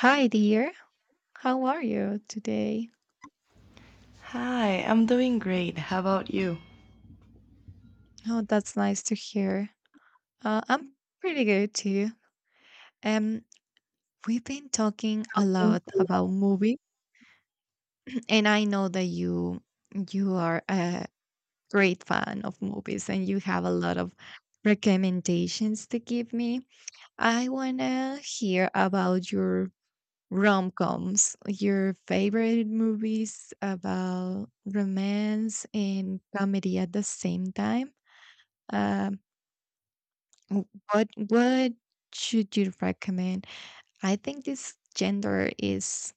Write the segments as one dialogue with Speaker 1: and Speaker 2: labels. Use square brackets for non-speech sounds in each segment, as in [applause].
Speaker 1: Hi, dear. How are you today?
Speaker 2: Hi, I'm doing great. How about you?
Speaker 1: Oh, that's nice to hear. I'm pretty good too. Um, we've been talking a
Speaker 2: Mm.
Speaker 1: lot about movies, and I know that you are a great fan of movies, and you have a lot of recommendations to give me. I wanna hear about your rom-coms, your favorite movies about romance and comedy at the same time. Um, W- what should you recommend? I think this gender is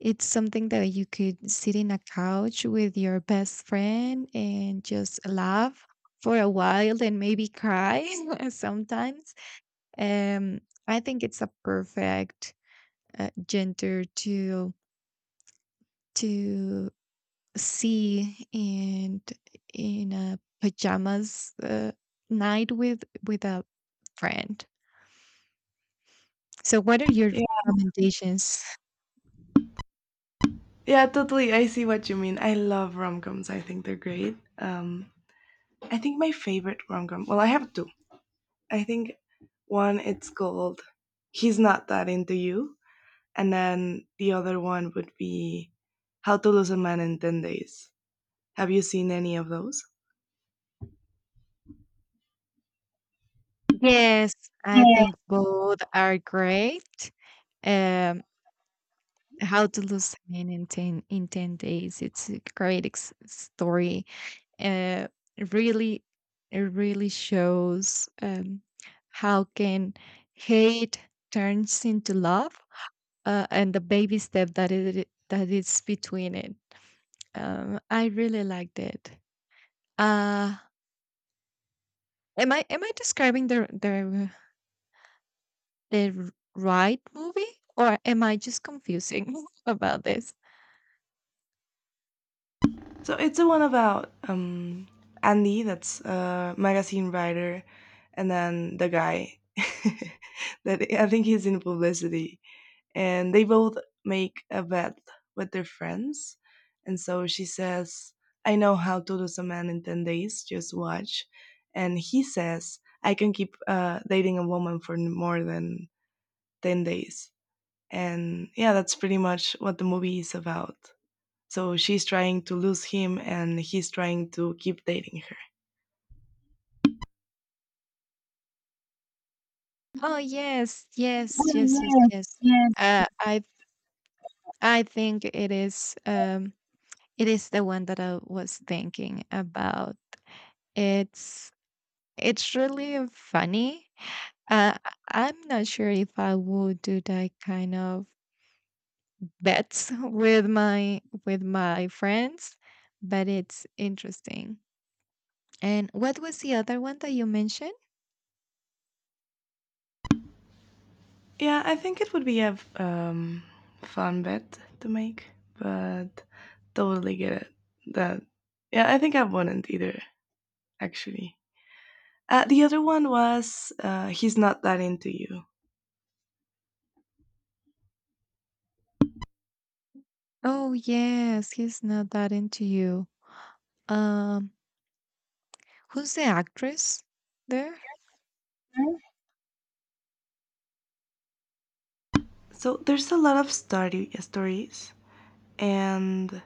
Speaker 1: it's something that you could sit in a couch with your best friend and just laugh for a while and maybe cry [laughs] sometimes. Um, I think it's a perfect gender to see and in a pajamas night with a friend. So, what are your
Speaker 2: Yeah,
Speaker 1: recommendations?
Speaker 2: yeah, totally. I see what you mean. I love rom-coms. I think they're great. I think my favorite rom-com, well, I have two. I think one it's called He's Not That Into You, and then the other one would be How to Lose a Man in 10 Days. Have you seen any of those?
Speaker 1: Yes, I think both are great. Um, How to Lose a Man in 10, in 10 Days. It's a great story. Uh, it really, it really shows how can hate turns into love, and the baby step that is between it. I really liked it. Uh, am I describing the right movie, or am I just confusing [laughs] about this?
Speaker 2: So it's the one about Andy, that's a magazine writer, and then the guy [laughs] that I think he's in publicity, and they both make a bet with their friends, and so she says, "I know how to lose a man in 10 days. Just watch," and he says, "I can keep dating a woman for more than 10 days." And yeah, that's pretty much what the movie is about. So she's trying to lose him and he's trying to keep dating her.
Speaker 1: Oh yes, yes, yes, yes, yes. Uh, I I think it is the one that I was thinking about. It's it's really funny. I'm not sure if I would do that kind of bets [laughs] with my friends, but it's interesting. And what was the other one that you mentioned?
Speaker 2: Yeah, I think it would be a fun bet to make, but totally get it. That, yeah, I think I wouldn't either, actually. The other one was He's Not That Into You.
Speaker 1: Oh yes, he's not that into you. Um, Who's the actress there?
Speaker 2: Mhm. So there's a lot of stories, and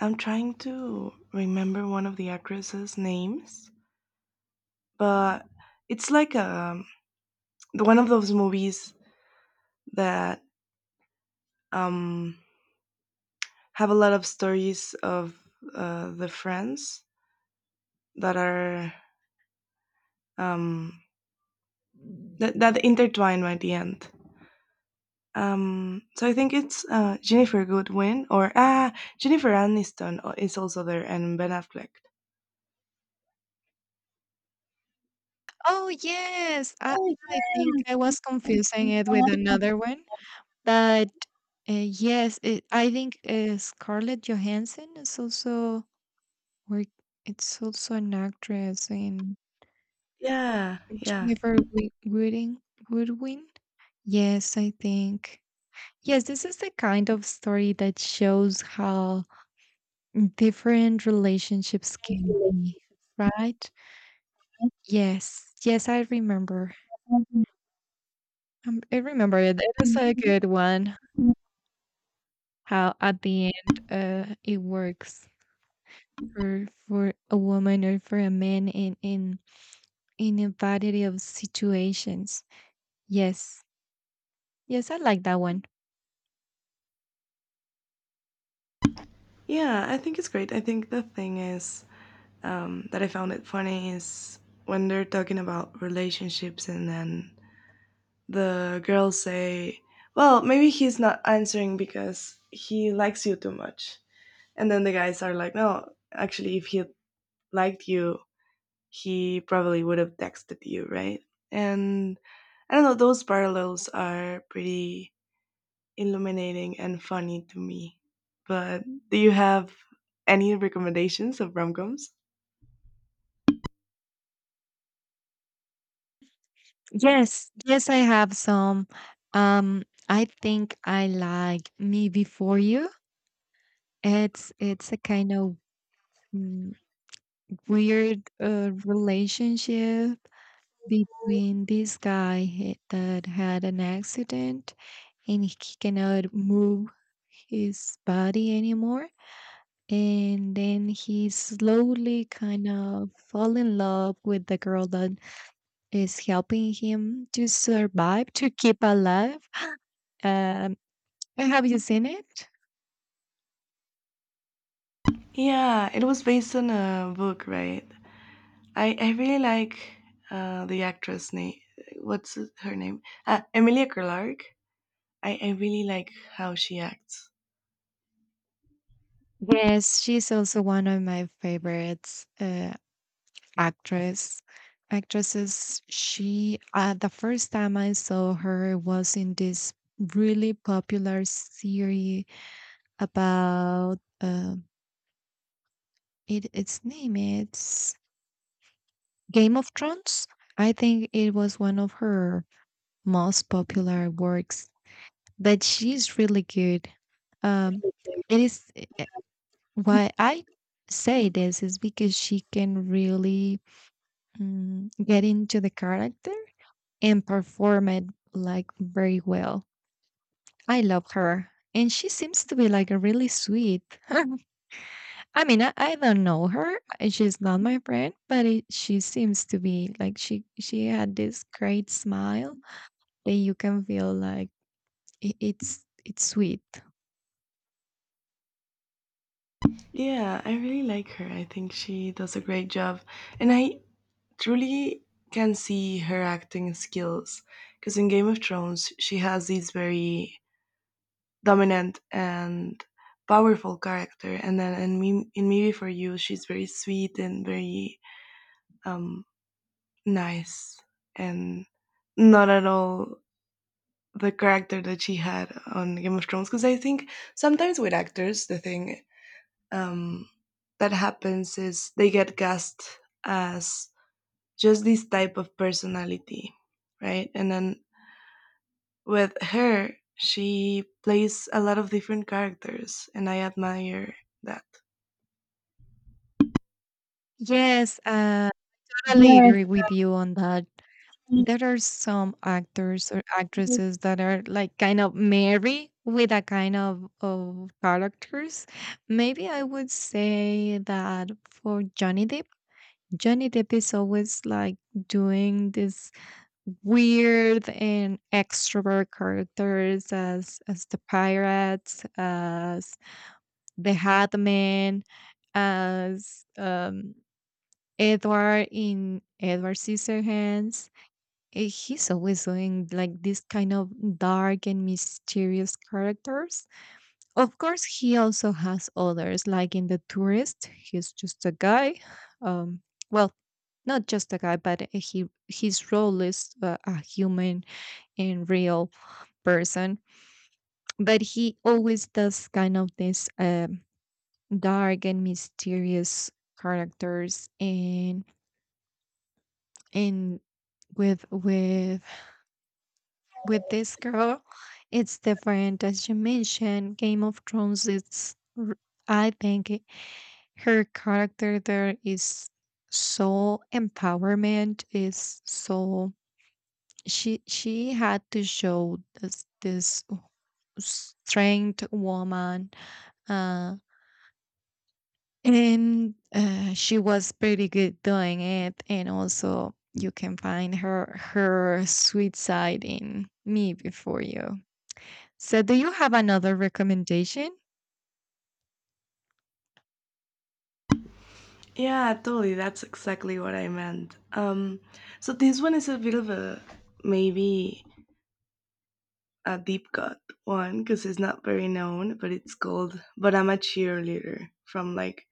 Speaker 2: I'm trying to remember one of the actresses' names, but it's like one of those movies that um, have a lot of stories of the friends that are um, that intertwine by the end. So I think it's Jennifer Goodwin or Jennifer Aniston is also there and Ben Affleck.
Speaker 1: Oh yes, I think I was confusing it with another one. But yes, it, I think Scarlett Johansson is also, or it's also an actress in
Speaker 2: Yeah, yeah,
Speaker 1: Wooding, Woodwin? Yes, I think. Yes, this is the kind of story that shows how different relationships can be, right? Yes, yes, I remember. I remember it. It is a good one. How at the end, it works for a woman or for a man in in a variety of situations. Yes, yes, I like that one.
Speaker 2: yeah. I think it's great. I think the thing is that I found it funny is when they're talking about relationships and then the girls say, "Well, maybe he's not answering because he likes you too much." And then the guys are like, "No, actually, if he liked you, he probably would have texted you, right?" And I don't know, those parallels are pretty illuminating and funny to me. But do you have any recommendations of rom-coms?
Speaker 1: Yes, yes, I have some. I think I like Me Before You. It's a kind of mm, weird relationship between that had an accident and he cannot move his body anymore, and then he slowly kind of fall in love with the girl that is helping him to survive, to keep alive. Um, have you seen it?
Speaker 2: Yeah, it was based on a book, right? I really like the actress name. What's her name? Emilia Clarke. I really like how she acts.
Speaker 1: Yes, she's also one of my favorites actress actresses. She, the first time I saw her was in this really popular series about it. Its name is Game of Thrones. I think it was one of her most popular works, but she's really good. Um, it is. Why I say this is because she can really, get into the character and perform it like very well. I love her. And she seems to be like a really sweet. [laughs] I mean, I don't know her. She's not my friend, but it, she seems to be like she had this great smile that you can feel like it's sweet.
Speaker 2: Yeah, I really like her. I think she does a great job. And I truly can see her acting skills because in Game of Thrones, she has these very dominant and powerful character, and then in me before you, she's very sweet and very um nice and not at all the character that she had on Game of Thrones, because I think sometimes with actors the thing um, that happens is they get cast as just this type of personality, right? And then with her, she plays a lot of different characters, and I admire that.
Speaker 1: Yes, totally
Speaker 2: Yes,
Speaker 1: agree with you on that. There are some actors or actresses that are like kind of merry with a kind of characters. Maybe I would say that for Johnny Depp, Johnny Depp is always like doing this weird and extrovert characters, as the pirates, as the Hat Man, as Edward in Edward Scissorhands. He's always doing like this kind of dark and mysterious characters. Of course, he also has others, like in The Tourist, he's just a guy. Um, well, not just a guy, but he his role is a human and real person. But he always does kind of this, dark and mysterious characters, and with with with this girl, it's different. As you mentioned, Game of Thrones, I think her character there is so empowerment, is so, she had to show this, this strength woman, uh, and she was pretty good doing it, and also you can find her her sweet side in Me Before You. So, do you have another recommendation?
Speaker 2: yeah, totally. That's exactly what I meant. So this one is a bit of a maybe a deep cut one because it's not very known, but it's called But I'm a Cheerleader from like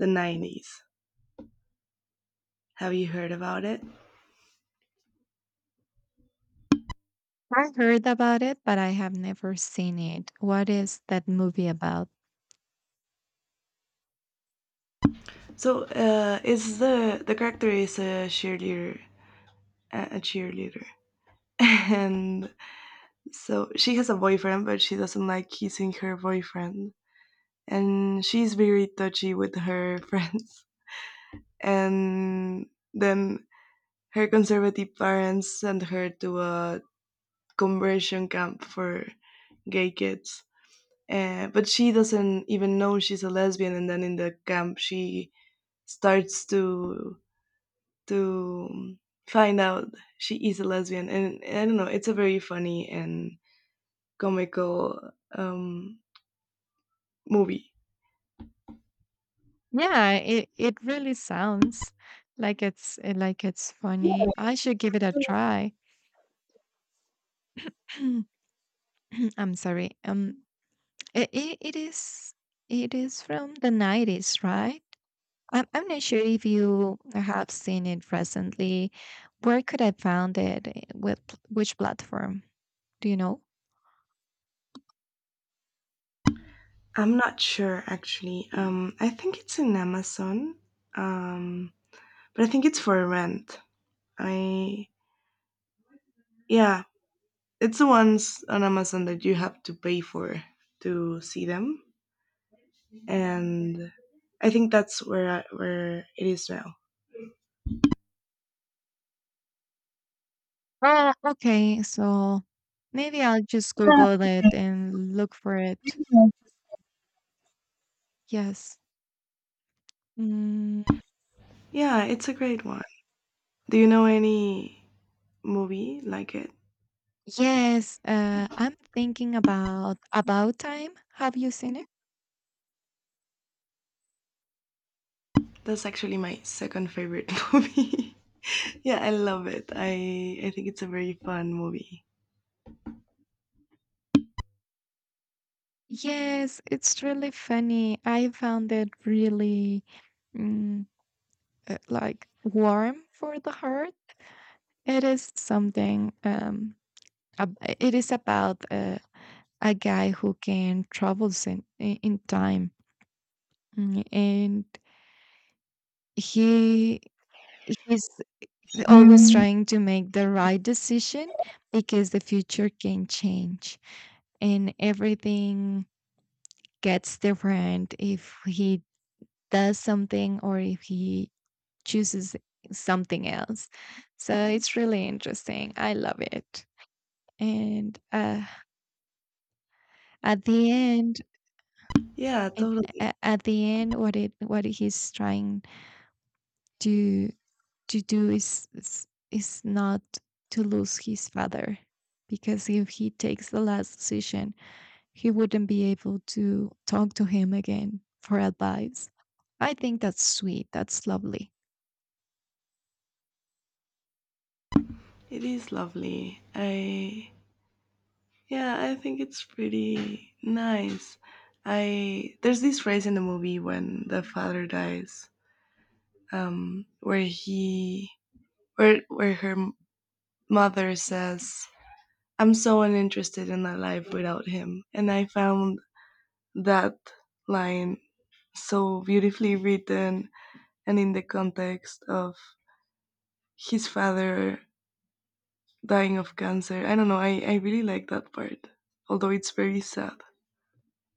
Speaker 2: the 90s. Have you heard about it?
Speaker 1: I heard about it, but I have never seen it. What is that movie about?
Speaker 2: So, it's the character is a cheerleader, a cheerleader, [laughs] and so she has a boyfriend, but she doesn't like kissing her boyfriend, and she's very touchy with her [laughs] friends. And then her conservative parents send her to a conversion camp for gay kids. But she doesn't even know she's a lesbian, and then in the camp she starts to find out she is a lesbian, and I don't know. It's a very funny and comical movie.
Speaker 1: Yeah, it really sounds like like it's funny. I should give it a try. [clears throat] I'm sorry. It is it is from the 90s, right? I'm not sure if you have seen it recently. Where could I found it? Which platform? Do you know?
Speaker 2: I'm not sure actually. I think it's in Amazon, um, but I think it's for rent. I yeah, it's the ones on Amazon that you have to pay for to see them. And I think that's where it is now.
Speaker 1: Oh, okay. So maybe I'll just Google it and look for it. Yes. Mm,
Speaker 2: Yeah, it's a great one. Do you know any movie like it?
Speaker 1: yes. I'm thinking about Time. Have you seen it?
Speaker 2: That's actually my second favorite [laughs] movie. Yeah, I love it. I think it's a very fun movie.
Speaker 1: Yes, it's really funny. I found it really. mm, like warm for the heart. It is something. It is about a guy who can travel in time, mm, and he he's always
Speaker 2: Mm,
Speaker 1: trying to make the right decision because the future can change and everything gets different if he does something or if he chooses something else. So it's really interesting. I love it. And at the end
Speaker 2: yeah,
Speaker 1: and
Speaker 2: totally.
Speaker 1: at the end what it what he's trying to to do is is not to lose his father, because if he takes the last decision he wouldn't be able to talk to him again for advice. I think that's sweet, that's lovely.
Speaker 2: It is lovely. I yeah, I think it's pretty nice. I there's this phrase in the movie when the father dies, where he where her mother says, I'm so uninterested in that life without him. And I found that line so beautifully written and in the context of his father dying of cancer. I don't know, I really like that part, although it's very sad.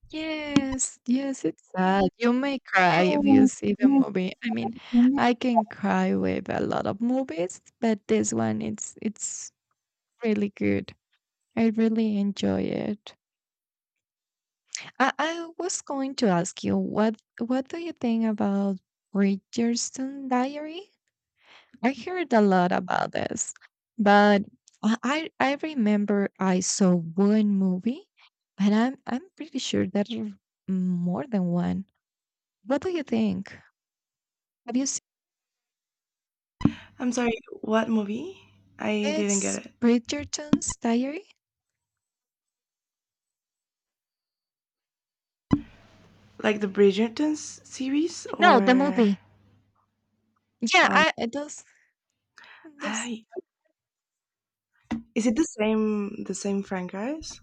Speaker 1: Yes, yes, it's sad. You may cry if you see the movie. I mean, I can cry with a lot of movies, but this one it's really good. I really enjoy it. I was going to ask you what do you think about Bridgerton Diary? I heard a lot about this, but I remember I saw one movie, but I'm pretty sure that more than one. What do you think? Have you seen
Speaker 2: I'm sorry, what movie? I didn't get
Speaker 1: it's
Speaker 2: it.
Speaker 1: Bridgerton's Diary?
Speaker 2: Like the Bridgerton's series
Speaker 1: No, the
Speaker 2: or
Speaker 1: movie. Yeah,
Speaker 2: um
Speaker 1: I it does. Yes.
Speaker 2: I is it the same franchise?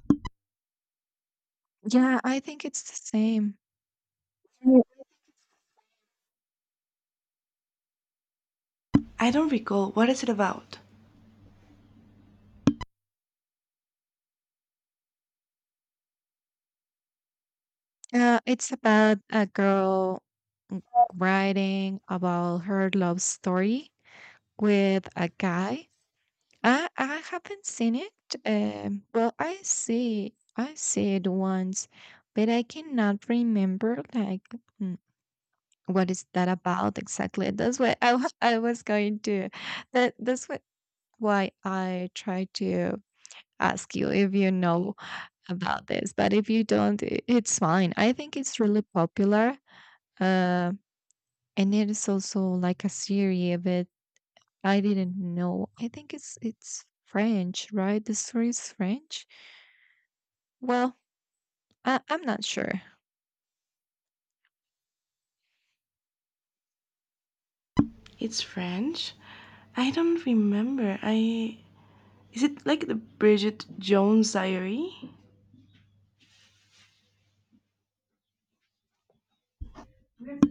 Speaker 1: Yeah, I think it's the same.
Speaker 2: I don't recall. What is it about?
Speaker 1: It's about a girl w- writing about her love story with a guy. I haven't seen it. Well, I see it once, but I cannot remember like what is that about exactly? That's what I wa- I was going to. That that's what why I try to ask you if you know about this. But if you don't, it's fine. I think it's really popular. Uh, and it is also like a series, but I didn't know. I think it's French, right? The story is French. Well, I, I'm not sure.
Speaker 2: It's French? I don't remember. I is it like the Bridget Jones Diary?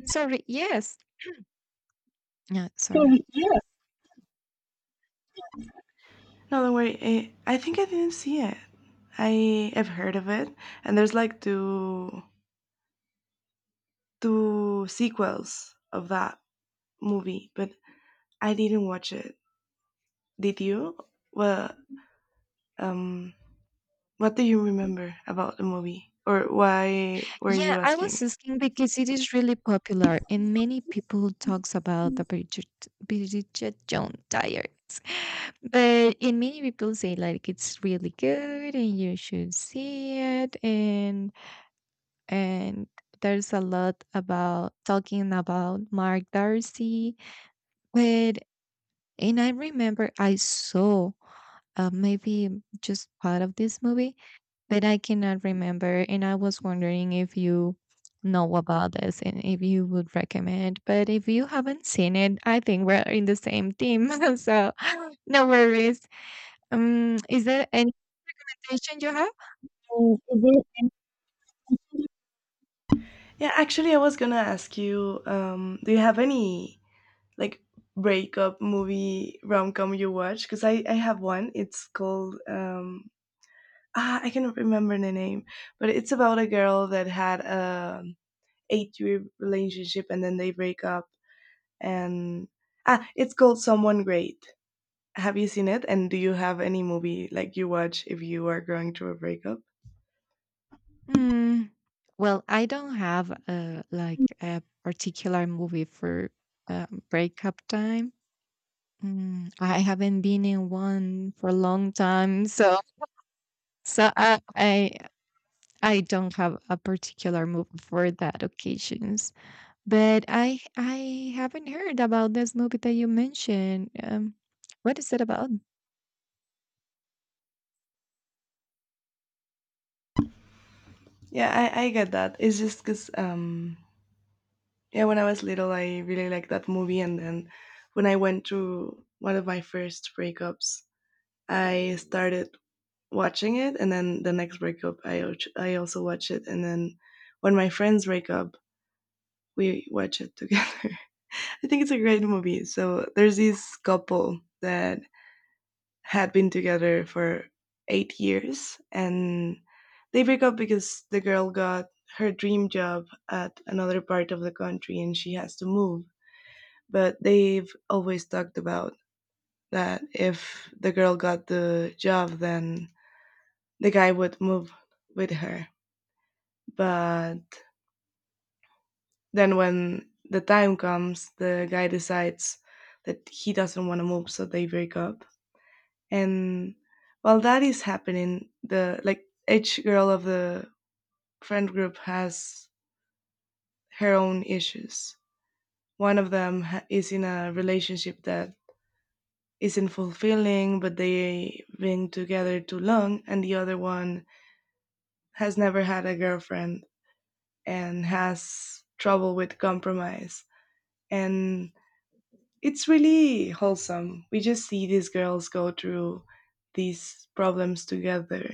Speaker 1: Sorry. Yes. Yeah. Sorry.
Speaker 2: No, don't worry. I think I didn't see it. I have heard of it, and there's like two sequels of that movie, but I didn't watch it. Did you? Well, um, what do you remember about the movie, or why were
Speaker 1: Yeah,
Speaker 2: you
Speaker 1: I was
Speaker 2: asking?
Speaker 1: asking because it is really popular and many people talks about the Bridget Jones Diaries. [laughs] But and many people say like it's really good and you should see it, and there's a lot about talking about Mark Darcy. But and I remember I saw maybe just part of this movie that I cannot remember. And I was wondering if you know about this and if you would recommend. But if you haven't seen it, I think we're in the same team. [laughs] so [laughs] no worries. Is there any suggestion you have?
Speaker 2: Yeah, actually, I was gonna ask you. Do you have any like breakup movie rom com you watch? Because I have one. It's called I cannot remember the name, but it's about a girl that had a 8 year relationship and then they break up. And it's called Someone Great. Have you seen it? And do you have any movie like you watch if you are going through a breakup?
Speaker 1: Mm, well, I don't have like a particular movie for breakup time. Mm, I haven't been in one for a long time, so so I don't have a particular movie for that occasions, but I haven't heard about this movie that you mentioned. What is it about?
Speaker 2: Yeah, I get that. It's just because, yeah, when I was little, I really liked that movie. And then when I went through one of my first breakups, I started watching it, and then the next breakup, I also watch it, and then when my friends break up, we watch it together. [laughs] I think it's a great movie. So there's this couple that had been together for 8 years, and they break up because the girl got her dream job at another part of the country, and she has to move. But they've always talked about that if the girl got the job, then the guy would move with her. But then when the time comes, the guy decides that he doesn't want to move, so they break up. And while that is happening, the like each girl of the friend group has her own issues. One of them is in a relationship that isn't fulfilling, but they've been together too long, and the other one has never had a girlfriend and has trouble with compromise, and it's really wholesome. We just see these girls go through these problems together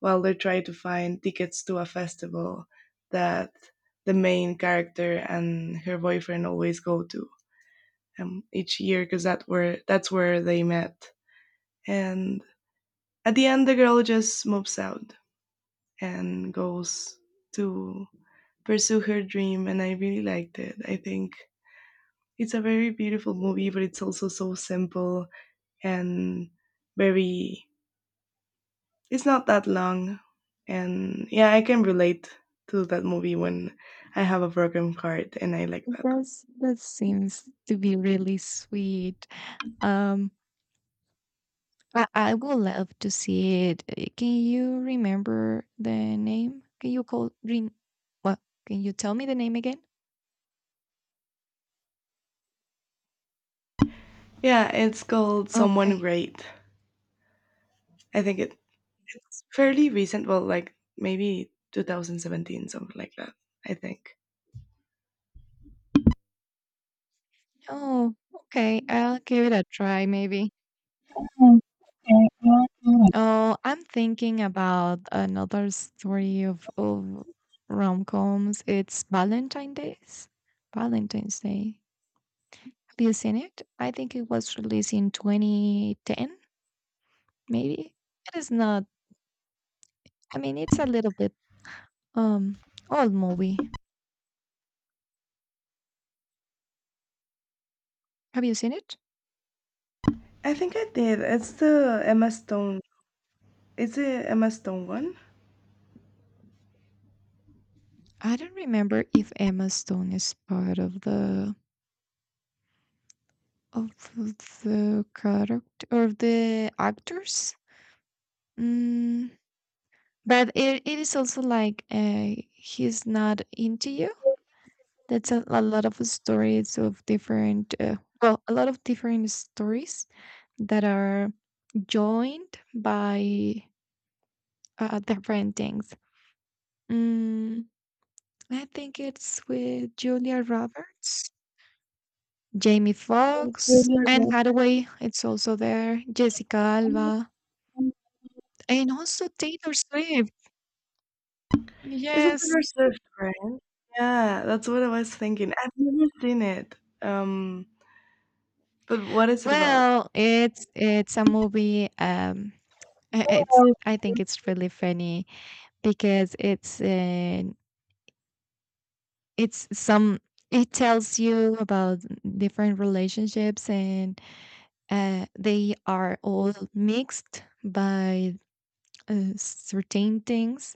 Speaker 2: while they're trying to find tickets to a festival that the main character and her boyfriend always go to each year because that where that's where they met. And at the end, the girl just moves out and goes to pursue her dream. And I really liked it. I think it's a very beautiful movie, but it's also so simple and very it's not that long. And yeah, I can relate to that movie when I have a broken heart, and I like
Speaker 1: It
Speaker 2: that.
Speaker 1: does that seems to be really sweet. Um, I would love to see it. Can you remember the name? Can you call Green? What? Can you tell me the name again?
Speaker 2: Yeah, it's called Someone
Speaker 1: Okay.
Speaker 2: Great. I think it's fairly recent, well, like maybe 2017, something like that, I think.
Speaker 1: Oh, okay. I'll give it a try, maybe. Oh, I'm thinking about another story of rom-coms. It's Valentine's Days. Valentine's Day. Have you seen it? I think it was released in 2010, maybe. It is not. I mean, it's a little bit um old movie. Have you seen it?
Speaker 2: I think I did. It's the Emma Stone one.
Speaker 1: I don't remember if Emma Stone is part of of the character or the actors. Mm, but it is also like he's not into you. That's a lot of stories of different, a lot of different stories that are joined by different things. Mm, I think it's with Julia Roberts, Jamie Foxx, Anne Hathaway. It's also there. Jessica Alba, and also Taylor Swift.
Speaker 2: It's a
Speaker 1: Yes.
Speaker 2: Taylor Swift, right? Yeah, that's what I was thinking. I've never seen it. Um, but what is it about?
Speaker 1: Well, it's a movie. It's
Speaker 2: Um,
Speaker 1: I think it's really funny because it's some it tells you about different relationships, and they are all mixed by certain things,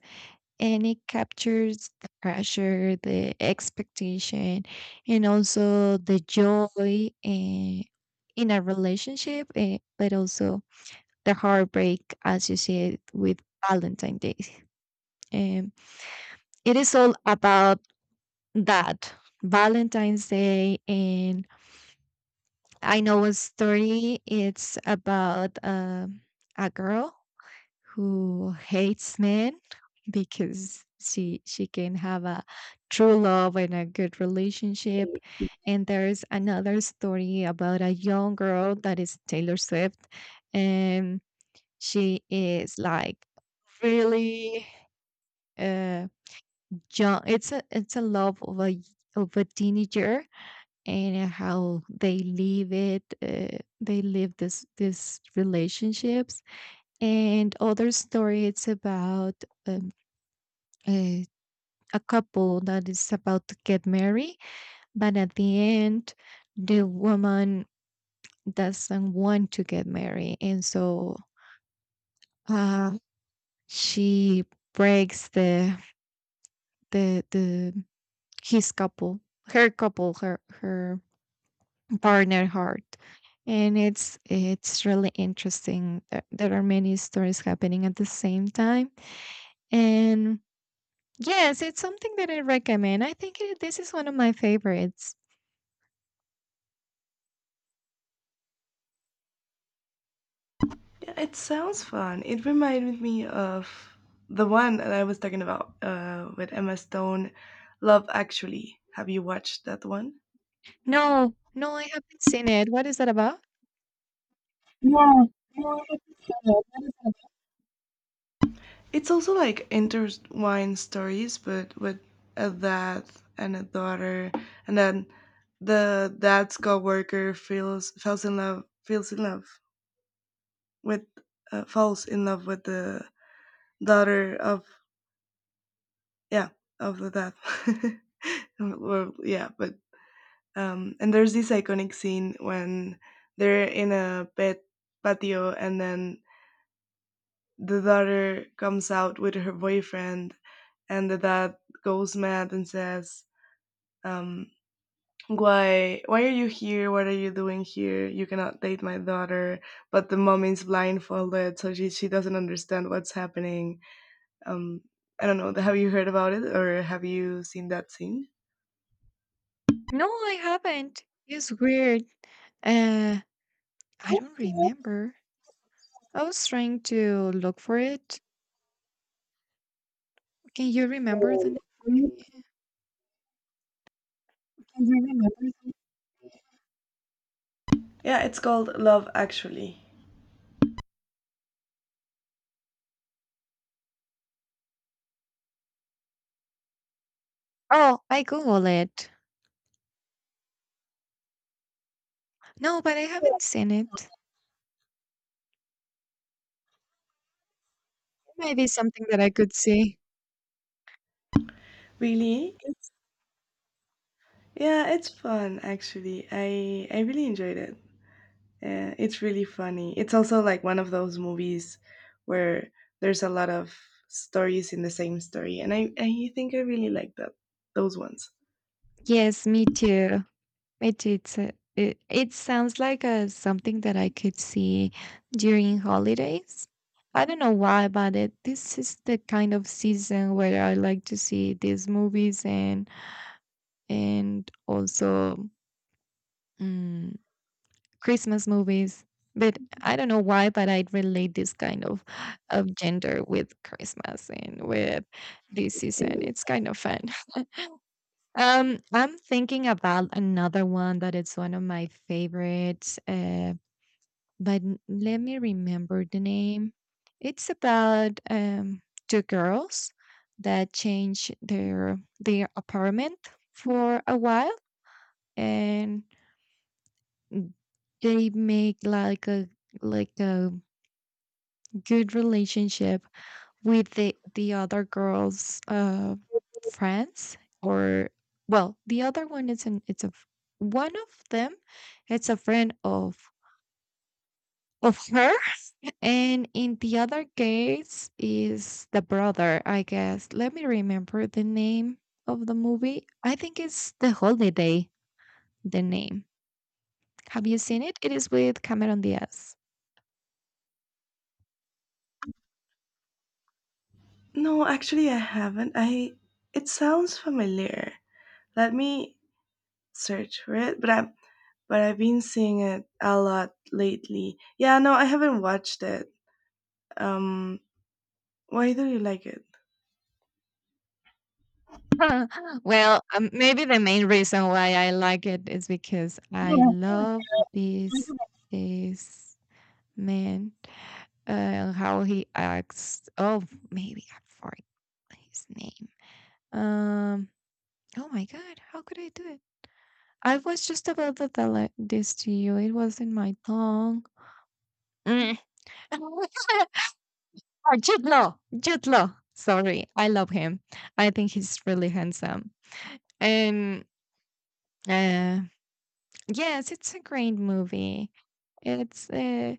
Speaker 1: and it captures the pressure, the expectation, and also the joy, uh, in a relationship, but also the heartbreak associated with Valentine's Day. Um, it is all about that Valentine's Day. And I know a story. It's about a girl who hates men because she can have a true love and a good relationship. And there's another story about a young girl that is Taylor Swift, and she is like really. Uh, Young, it's a love of a teenager and how they live it, they live this relationships. And other story, it's about um, a, a couple that is about to get married, but at the end the woman doesn't want to get married, and so uh, she breaks the his couple her her Partner Heart. And it's really interesting that there are many stories happening at the same time. And yes, it's something that I recommend. I think this is one of my favorites.
Speaker 2: Yeah, it sounds fun. It reminded me of the one that I was talking about with Emma Stone, Love Actually. Have you watched that one?
Speaker 1: No, no, I haven't seen it. What is that about?
Speaker 2: It's also like intertwined stories, but with a dad and a daughter, and then the dad's coworker feels in love with, falls in love with the daughter of yeah, of the that. [laughs] Well, yeah, but and there's this iconic scene when they're in a pet patio, and then the daughter comes out with her boyfriend, and the dad goes mad and says, um, "Why? Why are you here? What are you doing here? You cannot date my daughter." But the mom is blindfolded, so she doesn't understand what's happening. Um, I don't know. Have you heard about it, or have you seen that scene?
Speaker 1: No, I haven't. It's weird. Uh, I don't remember. I was trying to look for it. Can you remember
Speaker 2: Um,
Speaker 1: the name?
Speaker 2: Yeah, it's called Love Actually.
Speaker 1: Oh, I Google it. No, but I haven't seen it. It might be something that I could see.
Speaker 2: Really? It's yeah, it's fun actually. I really enjoyed it. It's really funny. It's also like one of those movies where there's a lot of stories in the same story, and I think I really like that those ones.
Speaker 1: Yes, me too. Me too. It sounds like something that I could see during holidays. I don't know why, but this is the kind of season where I like to see these movies, and also mm, Christmas movies. But I don't know why, but I relate this kind of gender with Christmas and with this season. It's kind of fun. I'm thinking about another one that it's one of my favorites, let me remember the name. It's about two girls that change their apartment for a while, and they make like a good relationship with the other girl's friends. Or well, the other one is an one of them, it's a friend of her, and in the other case is the brother, I guess. Let me remember the name of the movie. I think it's The Holiday, the name. Have you seen it? It is with Cameron Diaz.
Speaker 2: No, actually, I haven't. I it sounds familiar. Let me search for it. But I've been seeing it a lot lately. Yeah, no, I haven't watched it. Um, why do you like it?
Speaker 1: [laughs] Huh. Well, maybe the main reason why I like it is because I love this this man, how he acts. Oh, maybe I forgot his name. Um. Oh my God, how could I do it? I was just about to tell this to you. It was in my tongue. Mm. [laughs] Oh, Jude Law. Jude Law. Sorry, I love him. I think he's really handsome. And uh, yes, it's a great movie. It's uh,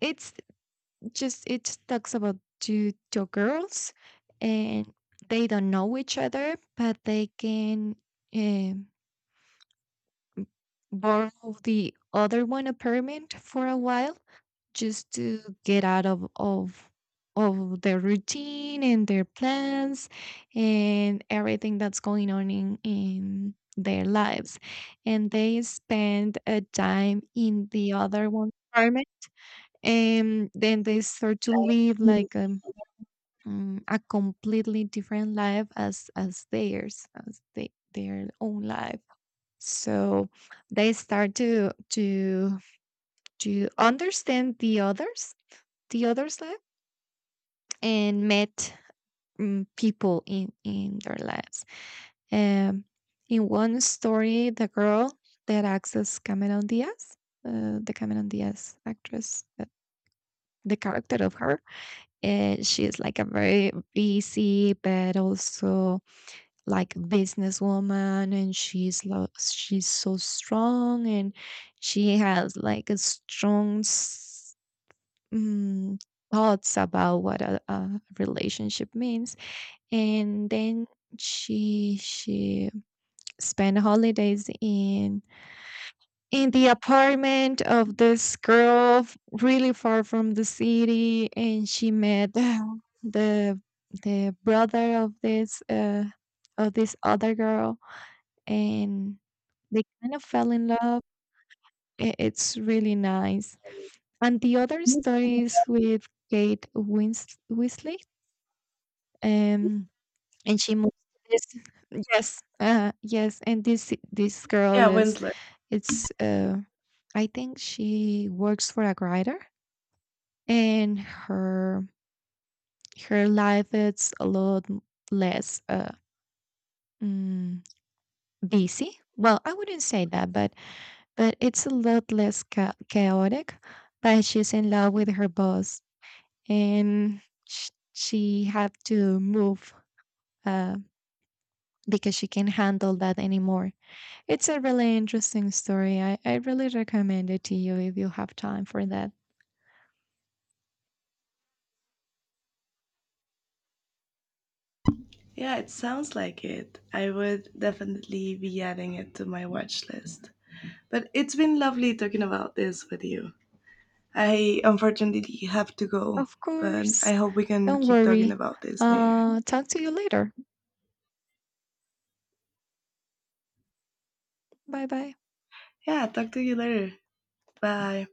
Speaker 1: it's just, it talks about two girls, and they don't know each other, but they can um borrow the other one apartment for a while, just to get out of their routine and their plans and everything that's going on in their lives. And they spend a time in the other one apartment, and then they start to live
Speaker 2: Mhm.
Speaker 1: like a completely different life as theirs, as their own life. So they start to understand the others, the others life, and met people in their lives. um in one story, the girl that acts as Cameron Diaz, the Cameron Diaz actress, the character of her, and she's like a very busy but also like businesswoman, and she's so strong, and she has like a strong s- mm, thoughts about what a relationship means. And then she spent holidays in the apartment of this girl, really far from the city, and she met [sighs] the the brother of this other girl, and they kind of fell in love. It's really nice. And the other story is with Kate Winslet, um, and she moves to this. [laughs] Yes, yes, and this girl
Speaker 2: Yeah,
Speaker 1: is
Speaker 2: Winslet.
Speaker 1: it's. I think she works for a writer, and her her life is a lot less, mm, busy. Well, I wouldn't say that, but it's a lot less chaotic. But she's in love with her boss, and she had to move uh, because she can't handle that anymore. It's a really interesting story. I really recommend it to you if you have time for that.
Speaker 2: Yeah, it sounds like it. I would definitely be adding it to my watch list. But it's been lovely talking about this with you. I unfortunately have to go,
Speaker 1: Of
Speaker 2: but I
Speaker 1: course,
Speaker 2: hope we can
Speaker 1: don't
Speaker 2: keep talking
Speaker 1: worry.
Speaker 2: about this later.
Speaker 1: Talk to you later. Bye bye.
Speaker 2: Yeah, talk to you later. Bye.